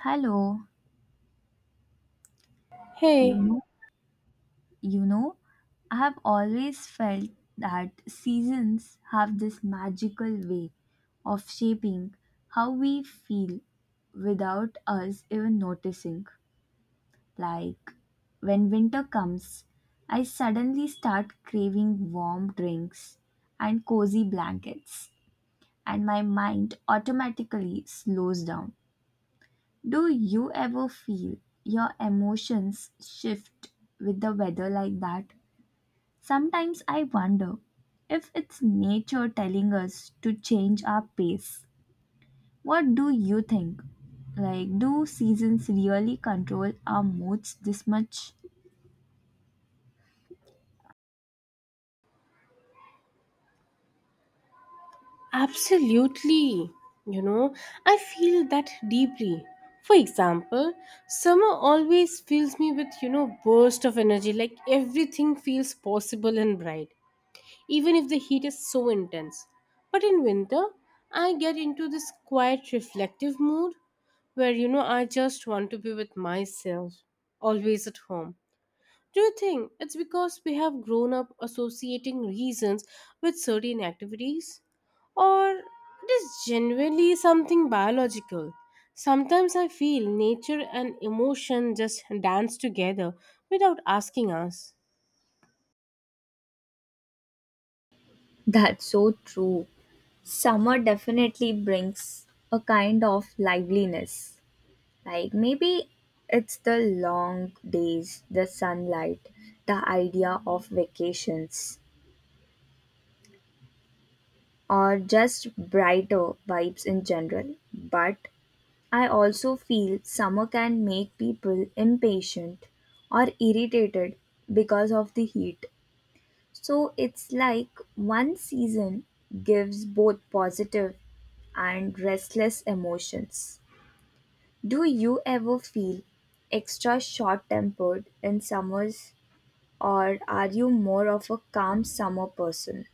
Hello, you Hey, know, you know, I have always felt that seasons have this magical way of shaping how we feel without us even noticing. Like when winter comes, I suddenly start craving warm drinks and cozy blankets, and my mind automatically slows down. Do you ever feel your emotions shift with the weather like that? Sometimes I wonder if it's nature telling us to change our pace. What do you think? Like, do seasons really control our moods this much? absolutely. You know, I feel that deeply. For example, summer always fills me with, burst of energy like everything feels possible and bright, even if the heat is so intense. But in winter, I get into this quiet reflective mood where I just want to be with myself, always at home. Do you think it's because we have grown up associating reasons with certain activities? Or it is genuinely something biological? Sometimes I feel nature and emotion just dance together without asking us. That's so true. Summer definitely brings a kind of liveliness. Like maybe it's the long days, the sunlight, the idea of vacations, or just brighter vibes in general. But I also feel summer can make people impatient or irritated because of the heat. So it's like one season gives both positive and restless emotions. Do you ever feel extra short tempered in summers, or are you more of a calm summer person?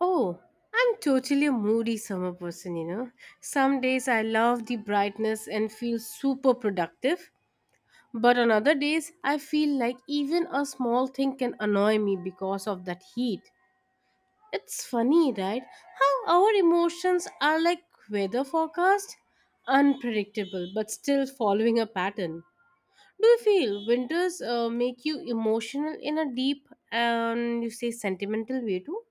Oh, I'm totally a moody summer person, you know. Some days I love the brightness and feel super productive. But on other days, I feel like even a small thing can annoy me because of that heat. It's funny, right? How our emotions are like weather forecast, unpredictable, but still following a pattern. Do you feel winters make you emotional in a deep and you say sentimental way too?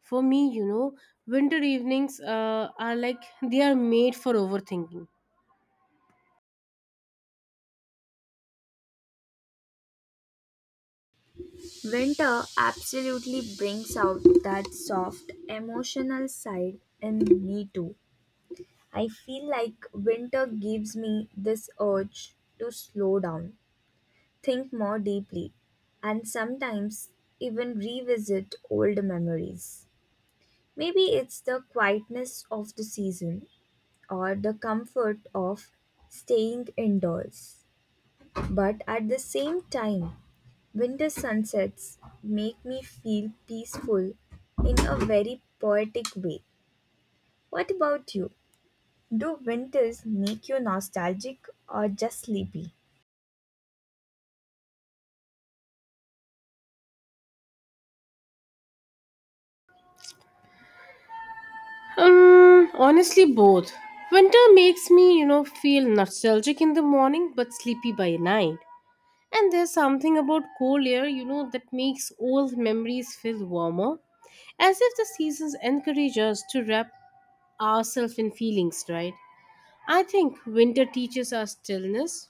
For me, you know, winter evenings are like they are made for overthinking. Winter absolutely brings out that soft emotional side in me too. I feel like winter gives me this urge to slow down, think more deeply, and sometimes even revisit old memories. Maybe it's the quietness of the season or the comfort of staying indoors. But at the same time, winter sunsets make me feel peaceful in a very poetic way. What about you? Do winters make you nostalgic or just sleepy? Honestly, both. Winter makes me, you know, feel nostalgic in the morning but sleepy by night. And there's something about cold air, you know, that makes old memories feel warmer. As if the seasons encourage us to wrap ourselves in feelings, right? I think winter teaches us stillness.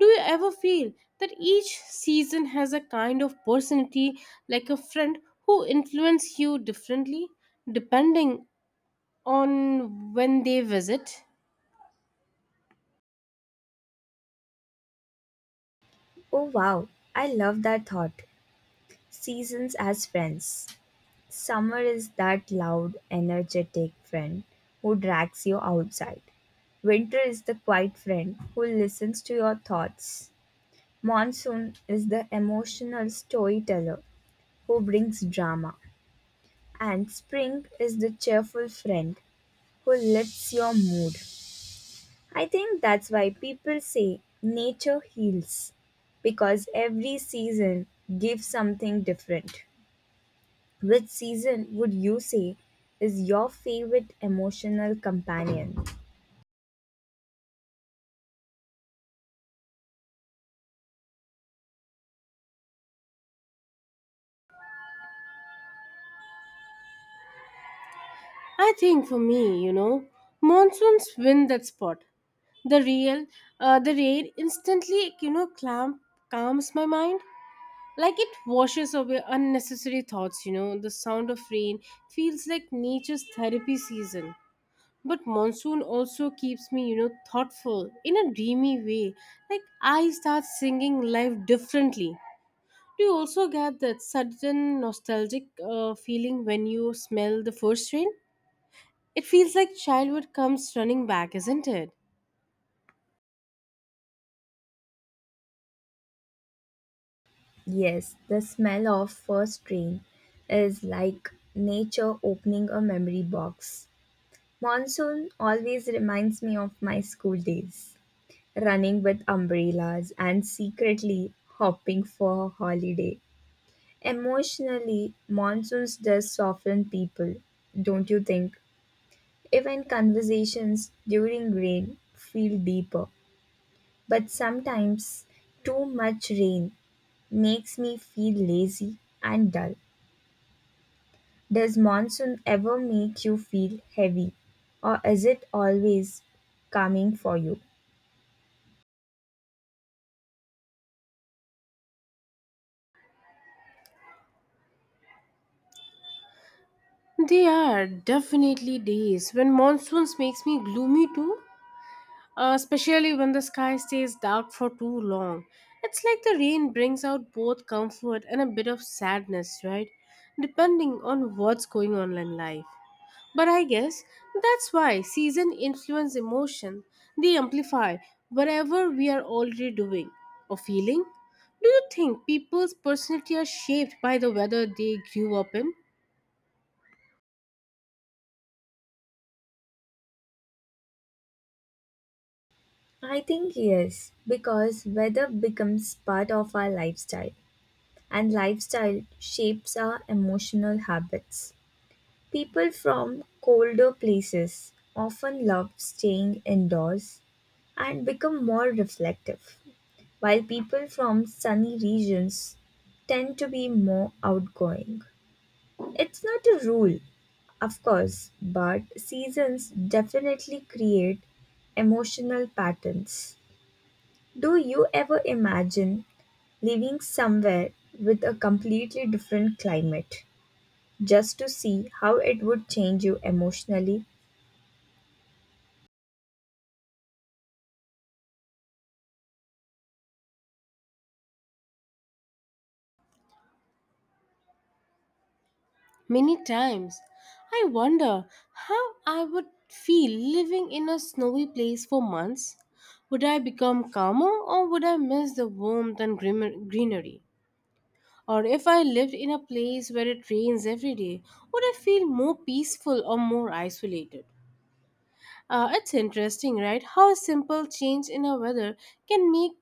Do you ever feel that each season has a kind of personality, like a friend who influences you differently depending on when they visit? Oh wow, I love that thought. Seasons as friends. Summer is that loud, energetic friend who drags you outside. Winter is the quiet friend who listens to your thoughts. Monsoon is the emotional storyteller who brings drama, and spring is the cheerful friend who lifts your mood. I think that's why people say nature heals, because every season gives something different. Which season would you say is your favorite emotional companion? I think for me, you know, monsoons win that spot. the real the rain instantly, you know, clamp calms my mind like it washes away unnecessary thoughts. You know, the sound of rain feels like nature's therapy season. But monsoon also keeps me, you know, thoughtful in a dreamy way, like I start singing life differently. Do you also get that sudden nostalgic feeling when you smell the first rain? It feels like childhood comes running back, isn't it? Yes, the smell of first rain is like nature opening a memory box. Monsoon always reminds me of my school days, running with umbrellas, and secretly hopping for a holiday. Emotionally, monsoons does soften people, don't you think? Even conversations during rain feel deeper. But sometimes too much rain makes me feel lazy and dull. Does monsoon ever make you feel heavy? Or is it always coming for you? They are definitely days when monsoons makes me gloomy too, especially when the sky stays dark for too long. It's like the rain brings out both comfort and a bit of sadness, right? Depending on what's going on in life. But I guess that's why season influence emotion. They amplify whatever we are already doing or feeling. Do you think people's personality are shaped by the weather they grew up in? I think yes, because weather becomes part of our lifestyle, and lifestyle shapes our emotional habits. People from colder places often love staying indoors and become more reflective, while people from sunny regions tend to be more outgoing. It's not a rule, of course, but seasons definitely create emotional patterns. Do you ever imagine living somewhere with a completely different climate just to see how it would change you emotionally. Many times, I wonder how I would feel living in a snowy place for months. Would I become calmer or would I miss the warmth and greenery? Or if I lived in a place where it rains every day, would I feel more peaceful or more isolated? It's interesting, right? How a simple change in a weather can make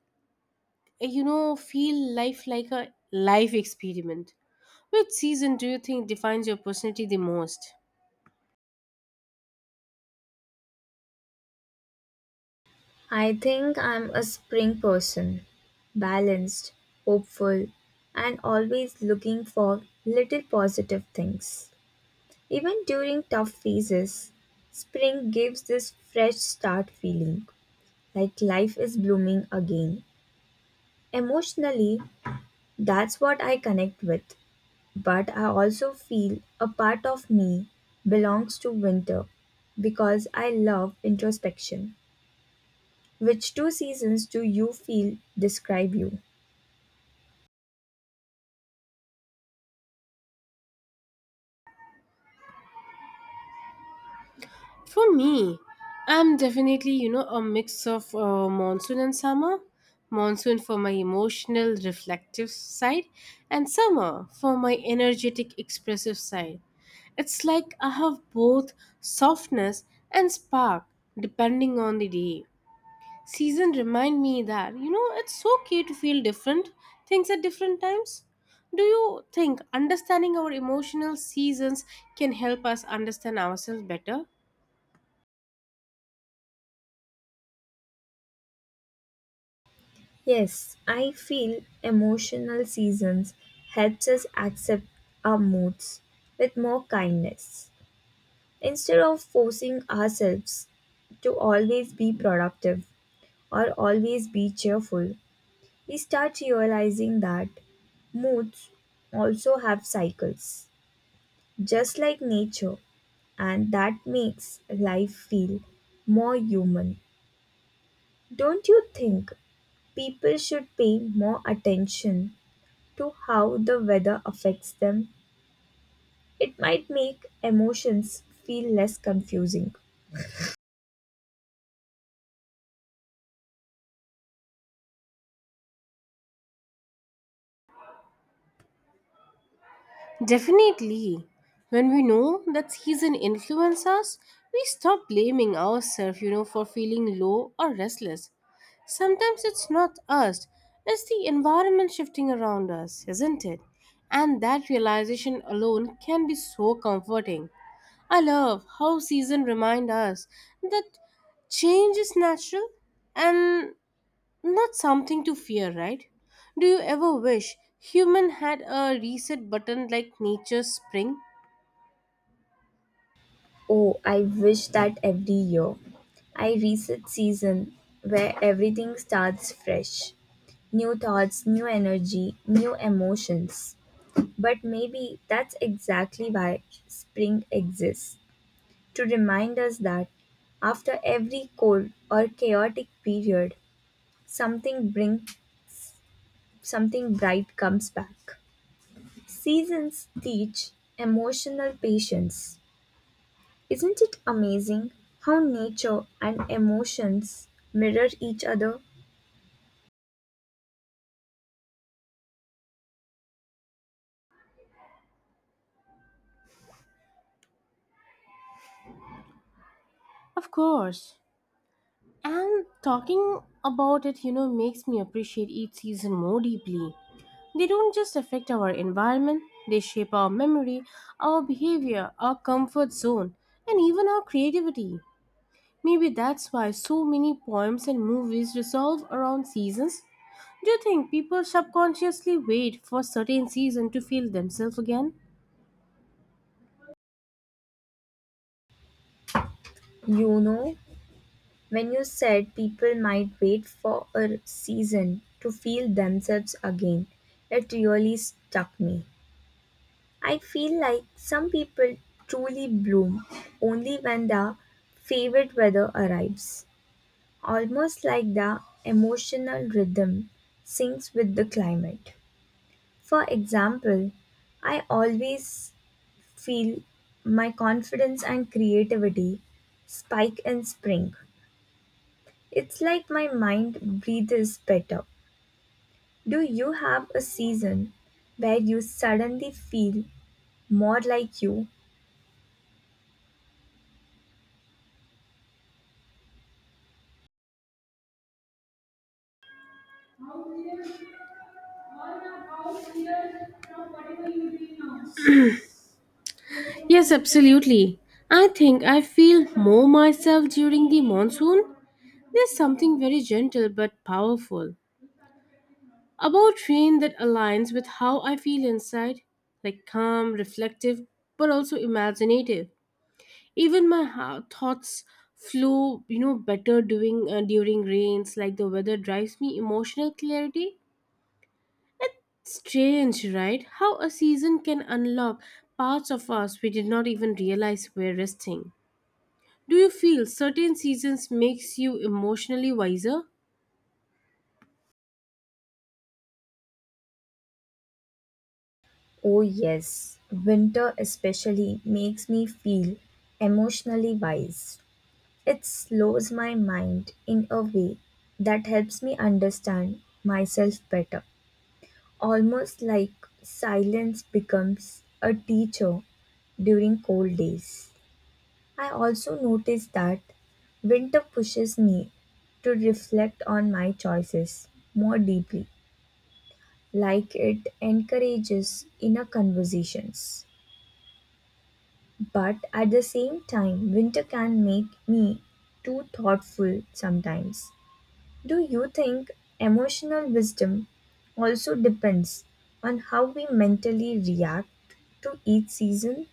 you know feel life like a life experiment. Which season do you think defines your personality the most? I think I'm a spring person, balanced, hopeful, and always looking for little positive things. Even during tough phases, spring gives this fresh start feeling, like life is blooming again. Emotionally, that's what I connect with. But I also feel a part of me belongs to winter because I love introspection. Which two seasons do you feel describe you? For me, I'm definitely, you know, a mix of monsoon and summer. Monsoon for my emotional, reflective side, and summer for my energetic, expressive side. It's like I have both softness and spark depending on the day. Season remind me that, you know, it's okay to feel different things at different times. Do you think understanding our emotional seasons can help us understand ourselves better? Yes, I feel emotional seasons helps us accept our moods with more kindness. Instead of forcing ourselves to always be productive or always be cheerful, we start realizing that moods also have cycles, just like nature, and that makes life feel more human. Don't you think people should pay more attention to how the weather affects them? It might make emotions feel less confusing. Definitely. When we know that season influences us, we stop blaming ourselves, you know, for feeling low or restless. Sometimes it's not us, it's the environment shifting around us, isn't it? And that realization alone can be so comforting. I love how season remind us that change is natural and not something to fear, right? Do you ever wish human had a reset button like nature's spring? Oh, I wish that every year I reset season where everything starts fresh. New thoughts, new energy, new emotions. But maybe that's exactly why spring exists, to remind us that after every cold or chaotic period, something bring something bright comes back. Seasons teach emotional patience. Isn't it amazing how nature and emotions mirror each other? Of course. And talking about it, you know, makes me appreciate each season more deeply. They don't just affect our environment, they shape our memory, our behavior, our comfort zone, and even our creativity. Maybe that's why so many poems and movies resolve around seasons. Do you think people subconsciously wait for certain season to feel themselves again? You know, when you said people might wait for a season to feel themselves again, it really stuck me. I feel like some people truly bloom only when the favorite weather arrives, almost like the emotional rhythm syncs with the climate. For example, I always feel my confidence and creativity spike in spring. It's like my mind breathes better. Do you have a season where you suddenly feel more like you? Yes, absolutely. I think I feel more myself during the monsoon. There's something very gentle but powerful about rain that aligns with how I feel inside, like calm, reflective, but also imaginative. Even my thoughts flow, you know, better during during rains, like the weather drives me emotional clarity. It's strange, right, how a season can unlock parts of us we did not even realize were resting? Do you feel certain seasons makes you emotionally wiser? Oh, yes, winter especially makes me feel emotionally wise. It slows my mind in a way that helps me understand myself better, almost like silence becomes a teacher during cold days. I also notice that winter pushes me to reflect on my choices more deeply, like it encourages inner conversations. But at the same time, winter can make me too thoughtful sometimes. Do you think emotional wisdom also depends on how we mentally react to each season?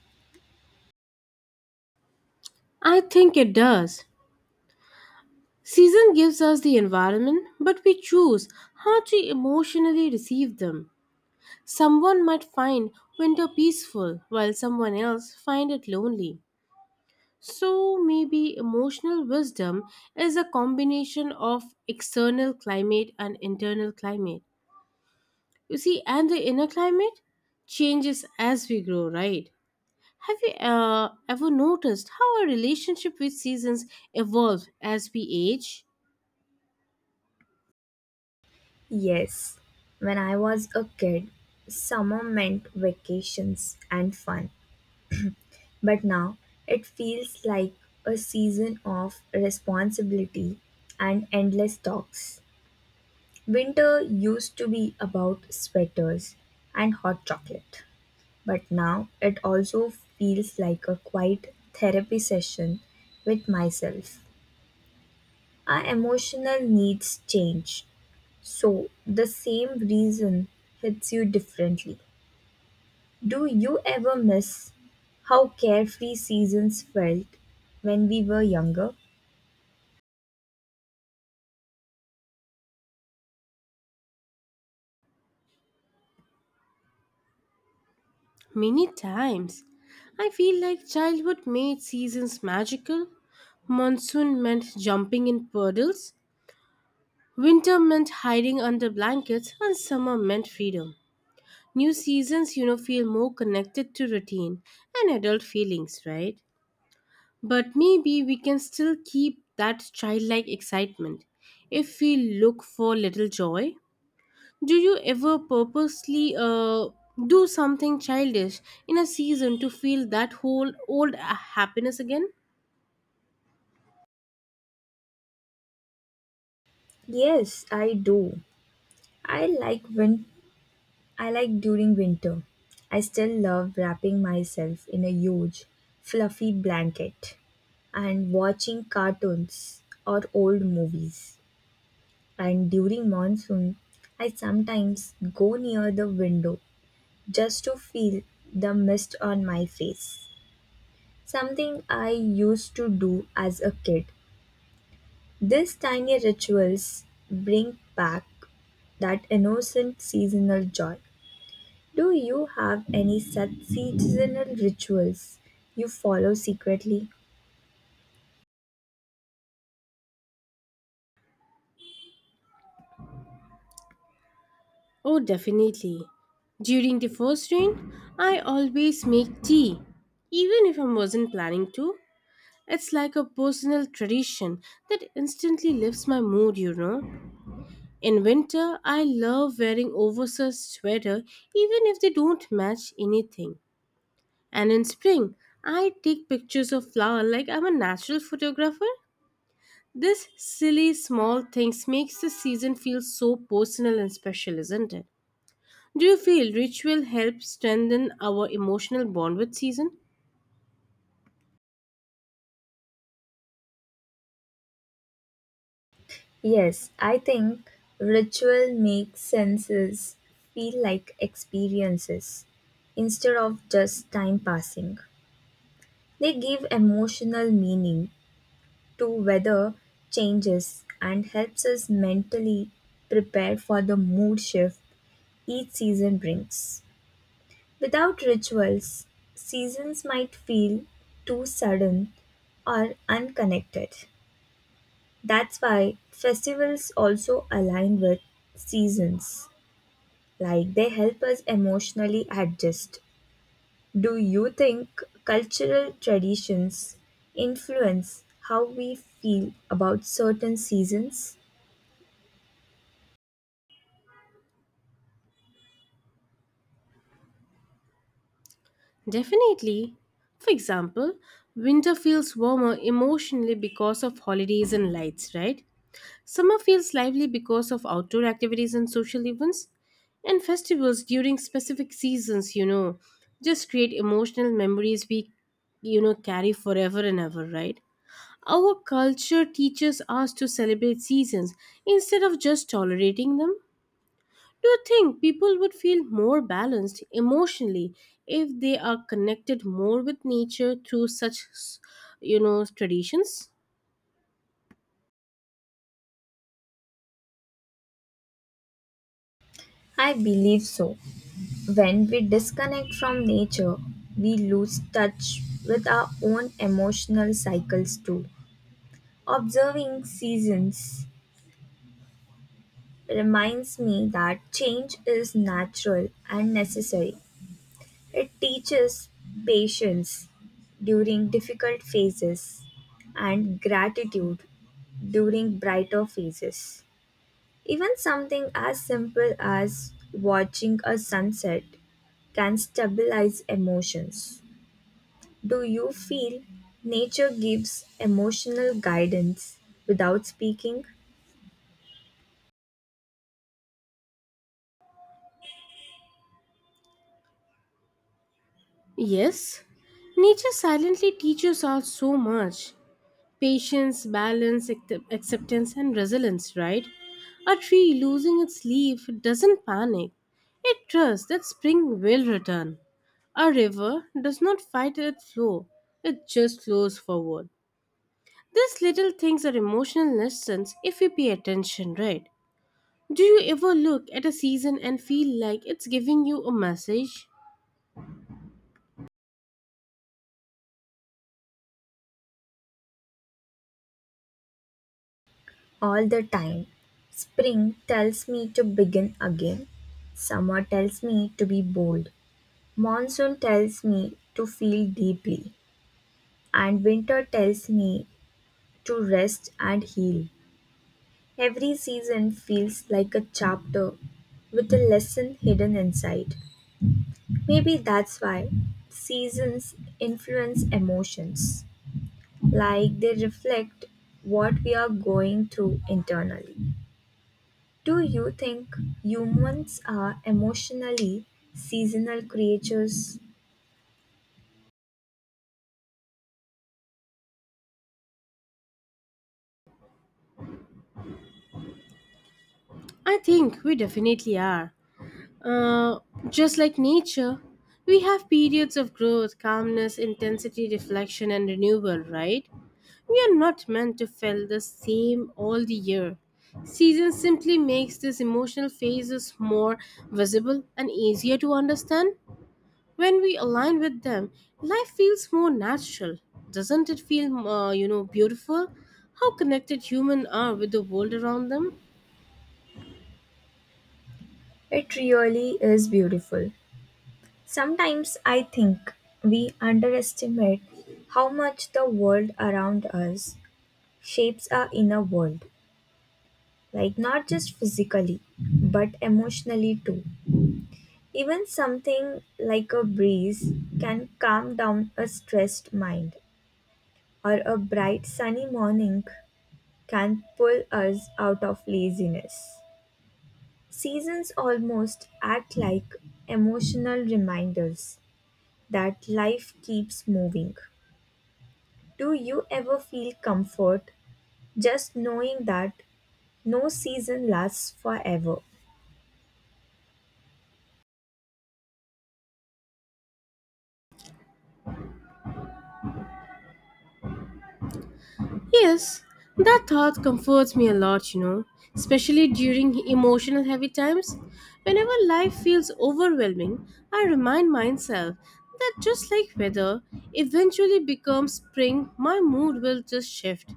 I think it does. Season gives us the environment, but we choose how to emotionally receive them. Someone might find winter peaceful while someone else find it lonely. So maybe emotional wisdom is a combination of external climate and internal climate. You see, and the inner climate changes as we grow, right? Have you ever noticed how our relationship with seasons evolve as we age? Yes. When I was a kid, summer meant vacations and fun. But now it feels like a season of responsibility and endless talks. Winter used to be about sweaters and hot chocolate, but now it also feels like a quiet therapy session with myself. Our emotional needs change, so the same reason hits you differently. Do you ever miss how carefree seasons felt when we were younger? Many times, I feel like childhood made seasons magical. Monsoon meant jumping in puddles, winter meant hiding under blankets, and summer meant freedom. New seasons, you know, feel more connected to routine and adult feelings, right? But maybe we can still keep that childlike excitement if we look for little joy. Do you ever purposely do something childish in a season to feel that whole old happiness again? Yes, I do. I like winter I like during winter. I still love wrapping myself in a huge, fluffy blanket and watching cartoons or old movies. And during monsoon, I sometimes go near the window just to feel the mist on my face. Something I used to do as a kid. These tiny rituals bring back that innocent seasonal joy. Do you have any such seasonal rituals you follow secretly? Oh, definitely. During the first rain, I always make tea, even if I wasn't planning to. It's like a personal tradition that instantly lifts my mood, you know. In winter, I love wearing oversized sweater even if they don't match anything. And in spring, I take pictures of flower like I'm a natural photographer. This silly small things makes the season feel so personal and special, isn't it? Do you feel ritual helps strengthen our emotional bond with season? Yes, I think ritual makes senses feel like experiences instead of just time passing. They give emotional meaning to weather changes and helps us mentally prepare for the mood shift each season brings. Without rituals, seasons might feel too sudden or unconnected. That's why festivals also align with seasons, like they help us emotionally adjust. Do you think cultural traditions influence how we feel about certain seasons? Definitely. For example, winter feels warmer emotionally because of holidays and lights, right? Summer feels lively because of outdoor activities and social events, and festivals during specific seasons, you know, just create emotional memories we, you know, carry forever and ever, right? Our culture teaches us to celebrate seasons instead of just tolerating them. Do you think people would feel more balanced emotionally if they are connected more with nature through such, you know, traditions? I believe so. When we disconnect from nature, we lose touch with our own emotional cycles too. Observing seasons reminds me that change is natural and necessary. It teaches patience during difficult phases and gratitude during brighter phases. Even something as simple as watching a sunset can stabilize emotions. Do you feel nature gives emotional guidance without speaking? Yes, nature silently teaches us so much patience, balance, acceptance, and resilience, right? A tree losing its leaf doesn't panic, it trusts that spring will return. A river does not fight its flow, it just flows forward. These little things are emotional lessons if we pay attention, right? Do you ever look at a season and feel like it's giving you a message? All the time. Spring tells me to begin again. Summer tells me to be bold. Monsoon tells me to feel deeply. And winter tells me to rest and heal. Every season feels like a chapter with a lesson hidden inside. Maybe that's why seasons influence emotions, like they reflect what we are going through internally. Do you think humans are emotionally seasonal creatures? I think we definitely are. Uh, just like nature, we have periods of growth, calmness, intensity, reflection, and renewal, right? We are not meant to feel the same all the year. Season simply makes these emotional phases more visible and easier to understand. When we align with them, life feels more natural. Doesn't it feel, you know, beautiful? How connected humans are with the world around them? It really is beautiful. Sometimes I think we underestimate how much the world around us shapes our inner world, like not just physically, but emotionally too. Even something like a breeze can calm down a stressed mind, or a bright sunny morning can pull us out of laziness. Seasons almost act like emotional reminders that life keeps moving. Do you ever feel comfort just knowing that no season lasts forever? Yes, that thought comforts me a lot, you know, especially during emotional heavy times. Whenever life feels overwhelming, I remind myself that just like weather eventually becomes spring, my mood will just shift.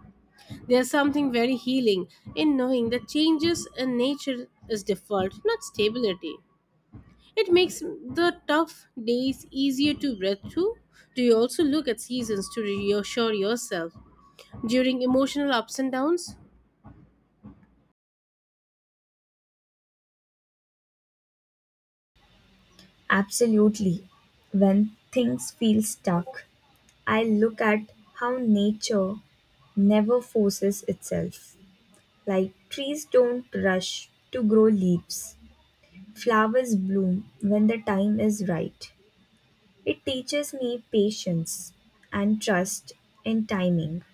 There's something very healing in knowing that changes in nature is default, not stability. It makes the tough days easier to breathe through. Do you also look at seasons to reassure yourself during emotional ups and downs? Absolutely. When things feel stuck, I look at how nature never forces itself. Like trees don't rush to grow leaves, flowers bloom when the time is right. It teaches me patience and trust in timing.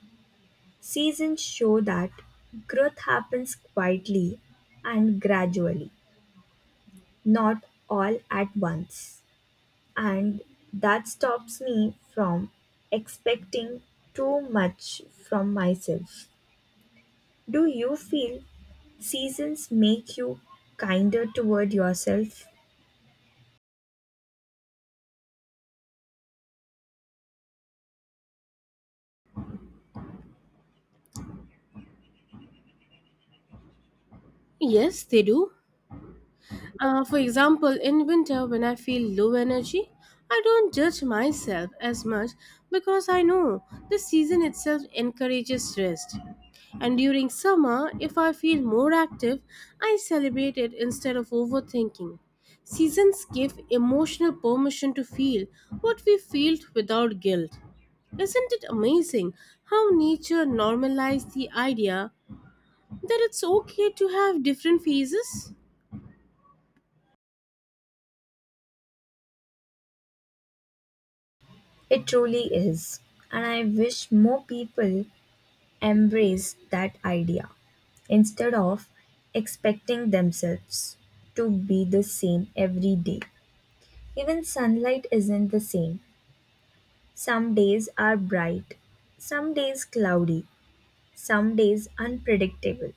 Seasons show that growth happens quietly and gradually, not all at once. And that stops me from expecting too much from myself. Do you feel seasons make you kinder toward yourself? Yes, they do. For example, in winter, when I feel low energy, I don't judge myself as much because I know the season itself encourages rest. And during summer, if I feel more active, I celebrate it instead of overthinking. Seasons give emotional permission to feel what we felt without guilt. Isn't it amazing how nature normalized the idea that it's okay to have different phases? It truly is. And I wish more people embrace that idea instead of expecting themselves to be the same every day. Even sunlight isn't the same. Some days are bright, some days cloudy, some days unpredictable.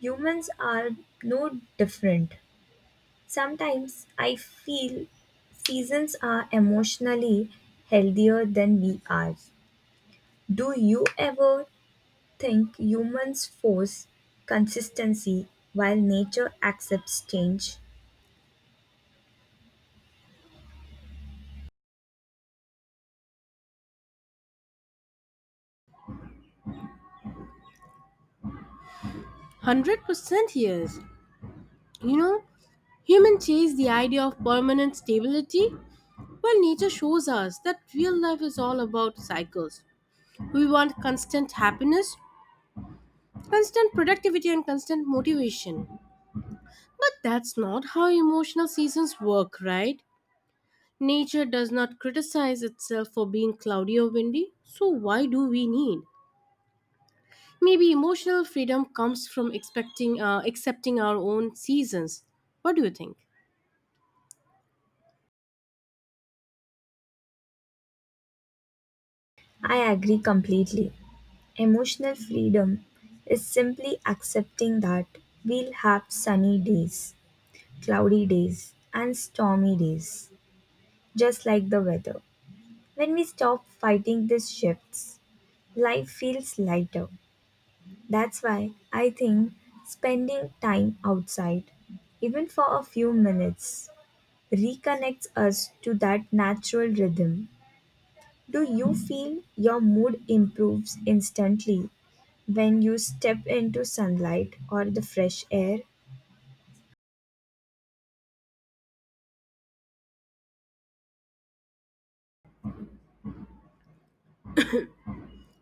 Humans are no different. Sometimes I feel seasons are emotionally healthier than we are. Do you ever think humans force consistency while nature accepts change? 100% yes. You know, humans chase the idea of permanent stability, while nature shows us that real life is all about cycles. We want constant happiness, constant productivity, and constant motivation. But that's not how emotional seasons work, right? Nature does not criticize itself for being cloudy or windy, so why do we need? Maybe emotional freedom comes from expecting accepting our own seasons. What do you think? I agree completely. Emotional freedom is simply accepting that we'll have sunny days, cloudy days, and stormy days, just like the weather. When we stop fighting these shifts, life feels lighter. That's why I think spending time outside, even for a few minutes, reconnects us to that natural rhythm. Do you feel your mood improves instantly when you step into sunlight or the fresh air?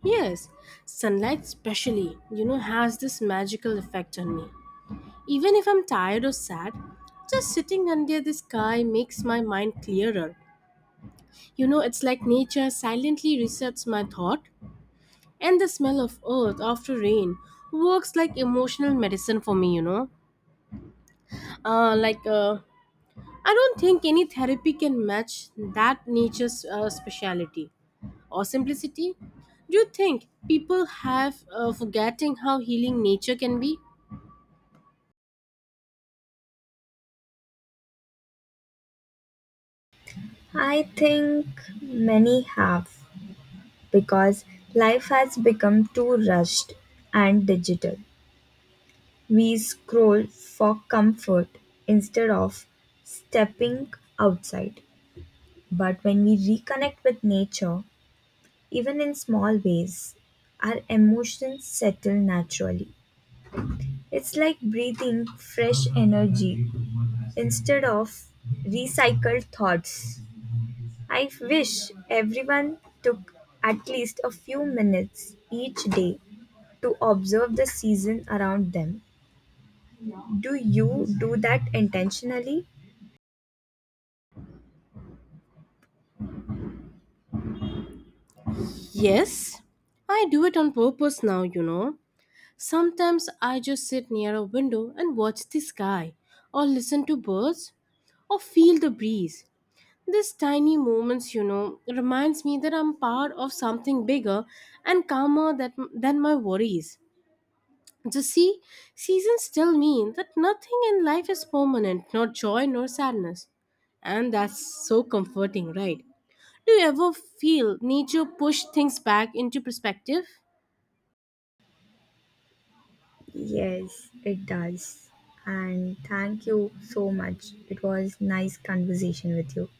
Yes, sunlight especially, you know, has this magical effect on me. Even if I'm tired or sad, just sitting under the sky makes my mind clearer. You know, it's like nature silently resets my thought, and the smell of earth after rain works like emotional medicine for me, you know. Uh, like uh, I don't think any therapy can match that nature's speciality or simplicity. Do you think people have forgetting how healing nature can be? I think many have because life has become too rushed and digital. We scroll for comfort instead of stepping outside. But when we reconnect with nature, even in small ways, our emotions settle naturally. It's like breathing fresh energy instead of recycled thoughts. I wish everyone took at least a few minutes each day to observe the season around them. Do you do that intentionally? Yes, I do it on purpose now, you know. Sometimes I just sit near a window and watch the sky, or listen to birds, or feel the breeze. These tiny moments, you know, reminds me that I'm part of something bigger and calmer that, than my worries. The seasons still mean that nothing in life is permanent, not joy nor sadness. And that's so comforting, right? Do you ever feel nature push things back into perspective? Yes, it does. And thank you so much. It was nice conversation with you.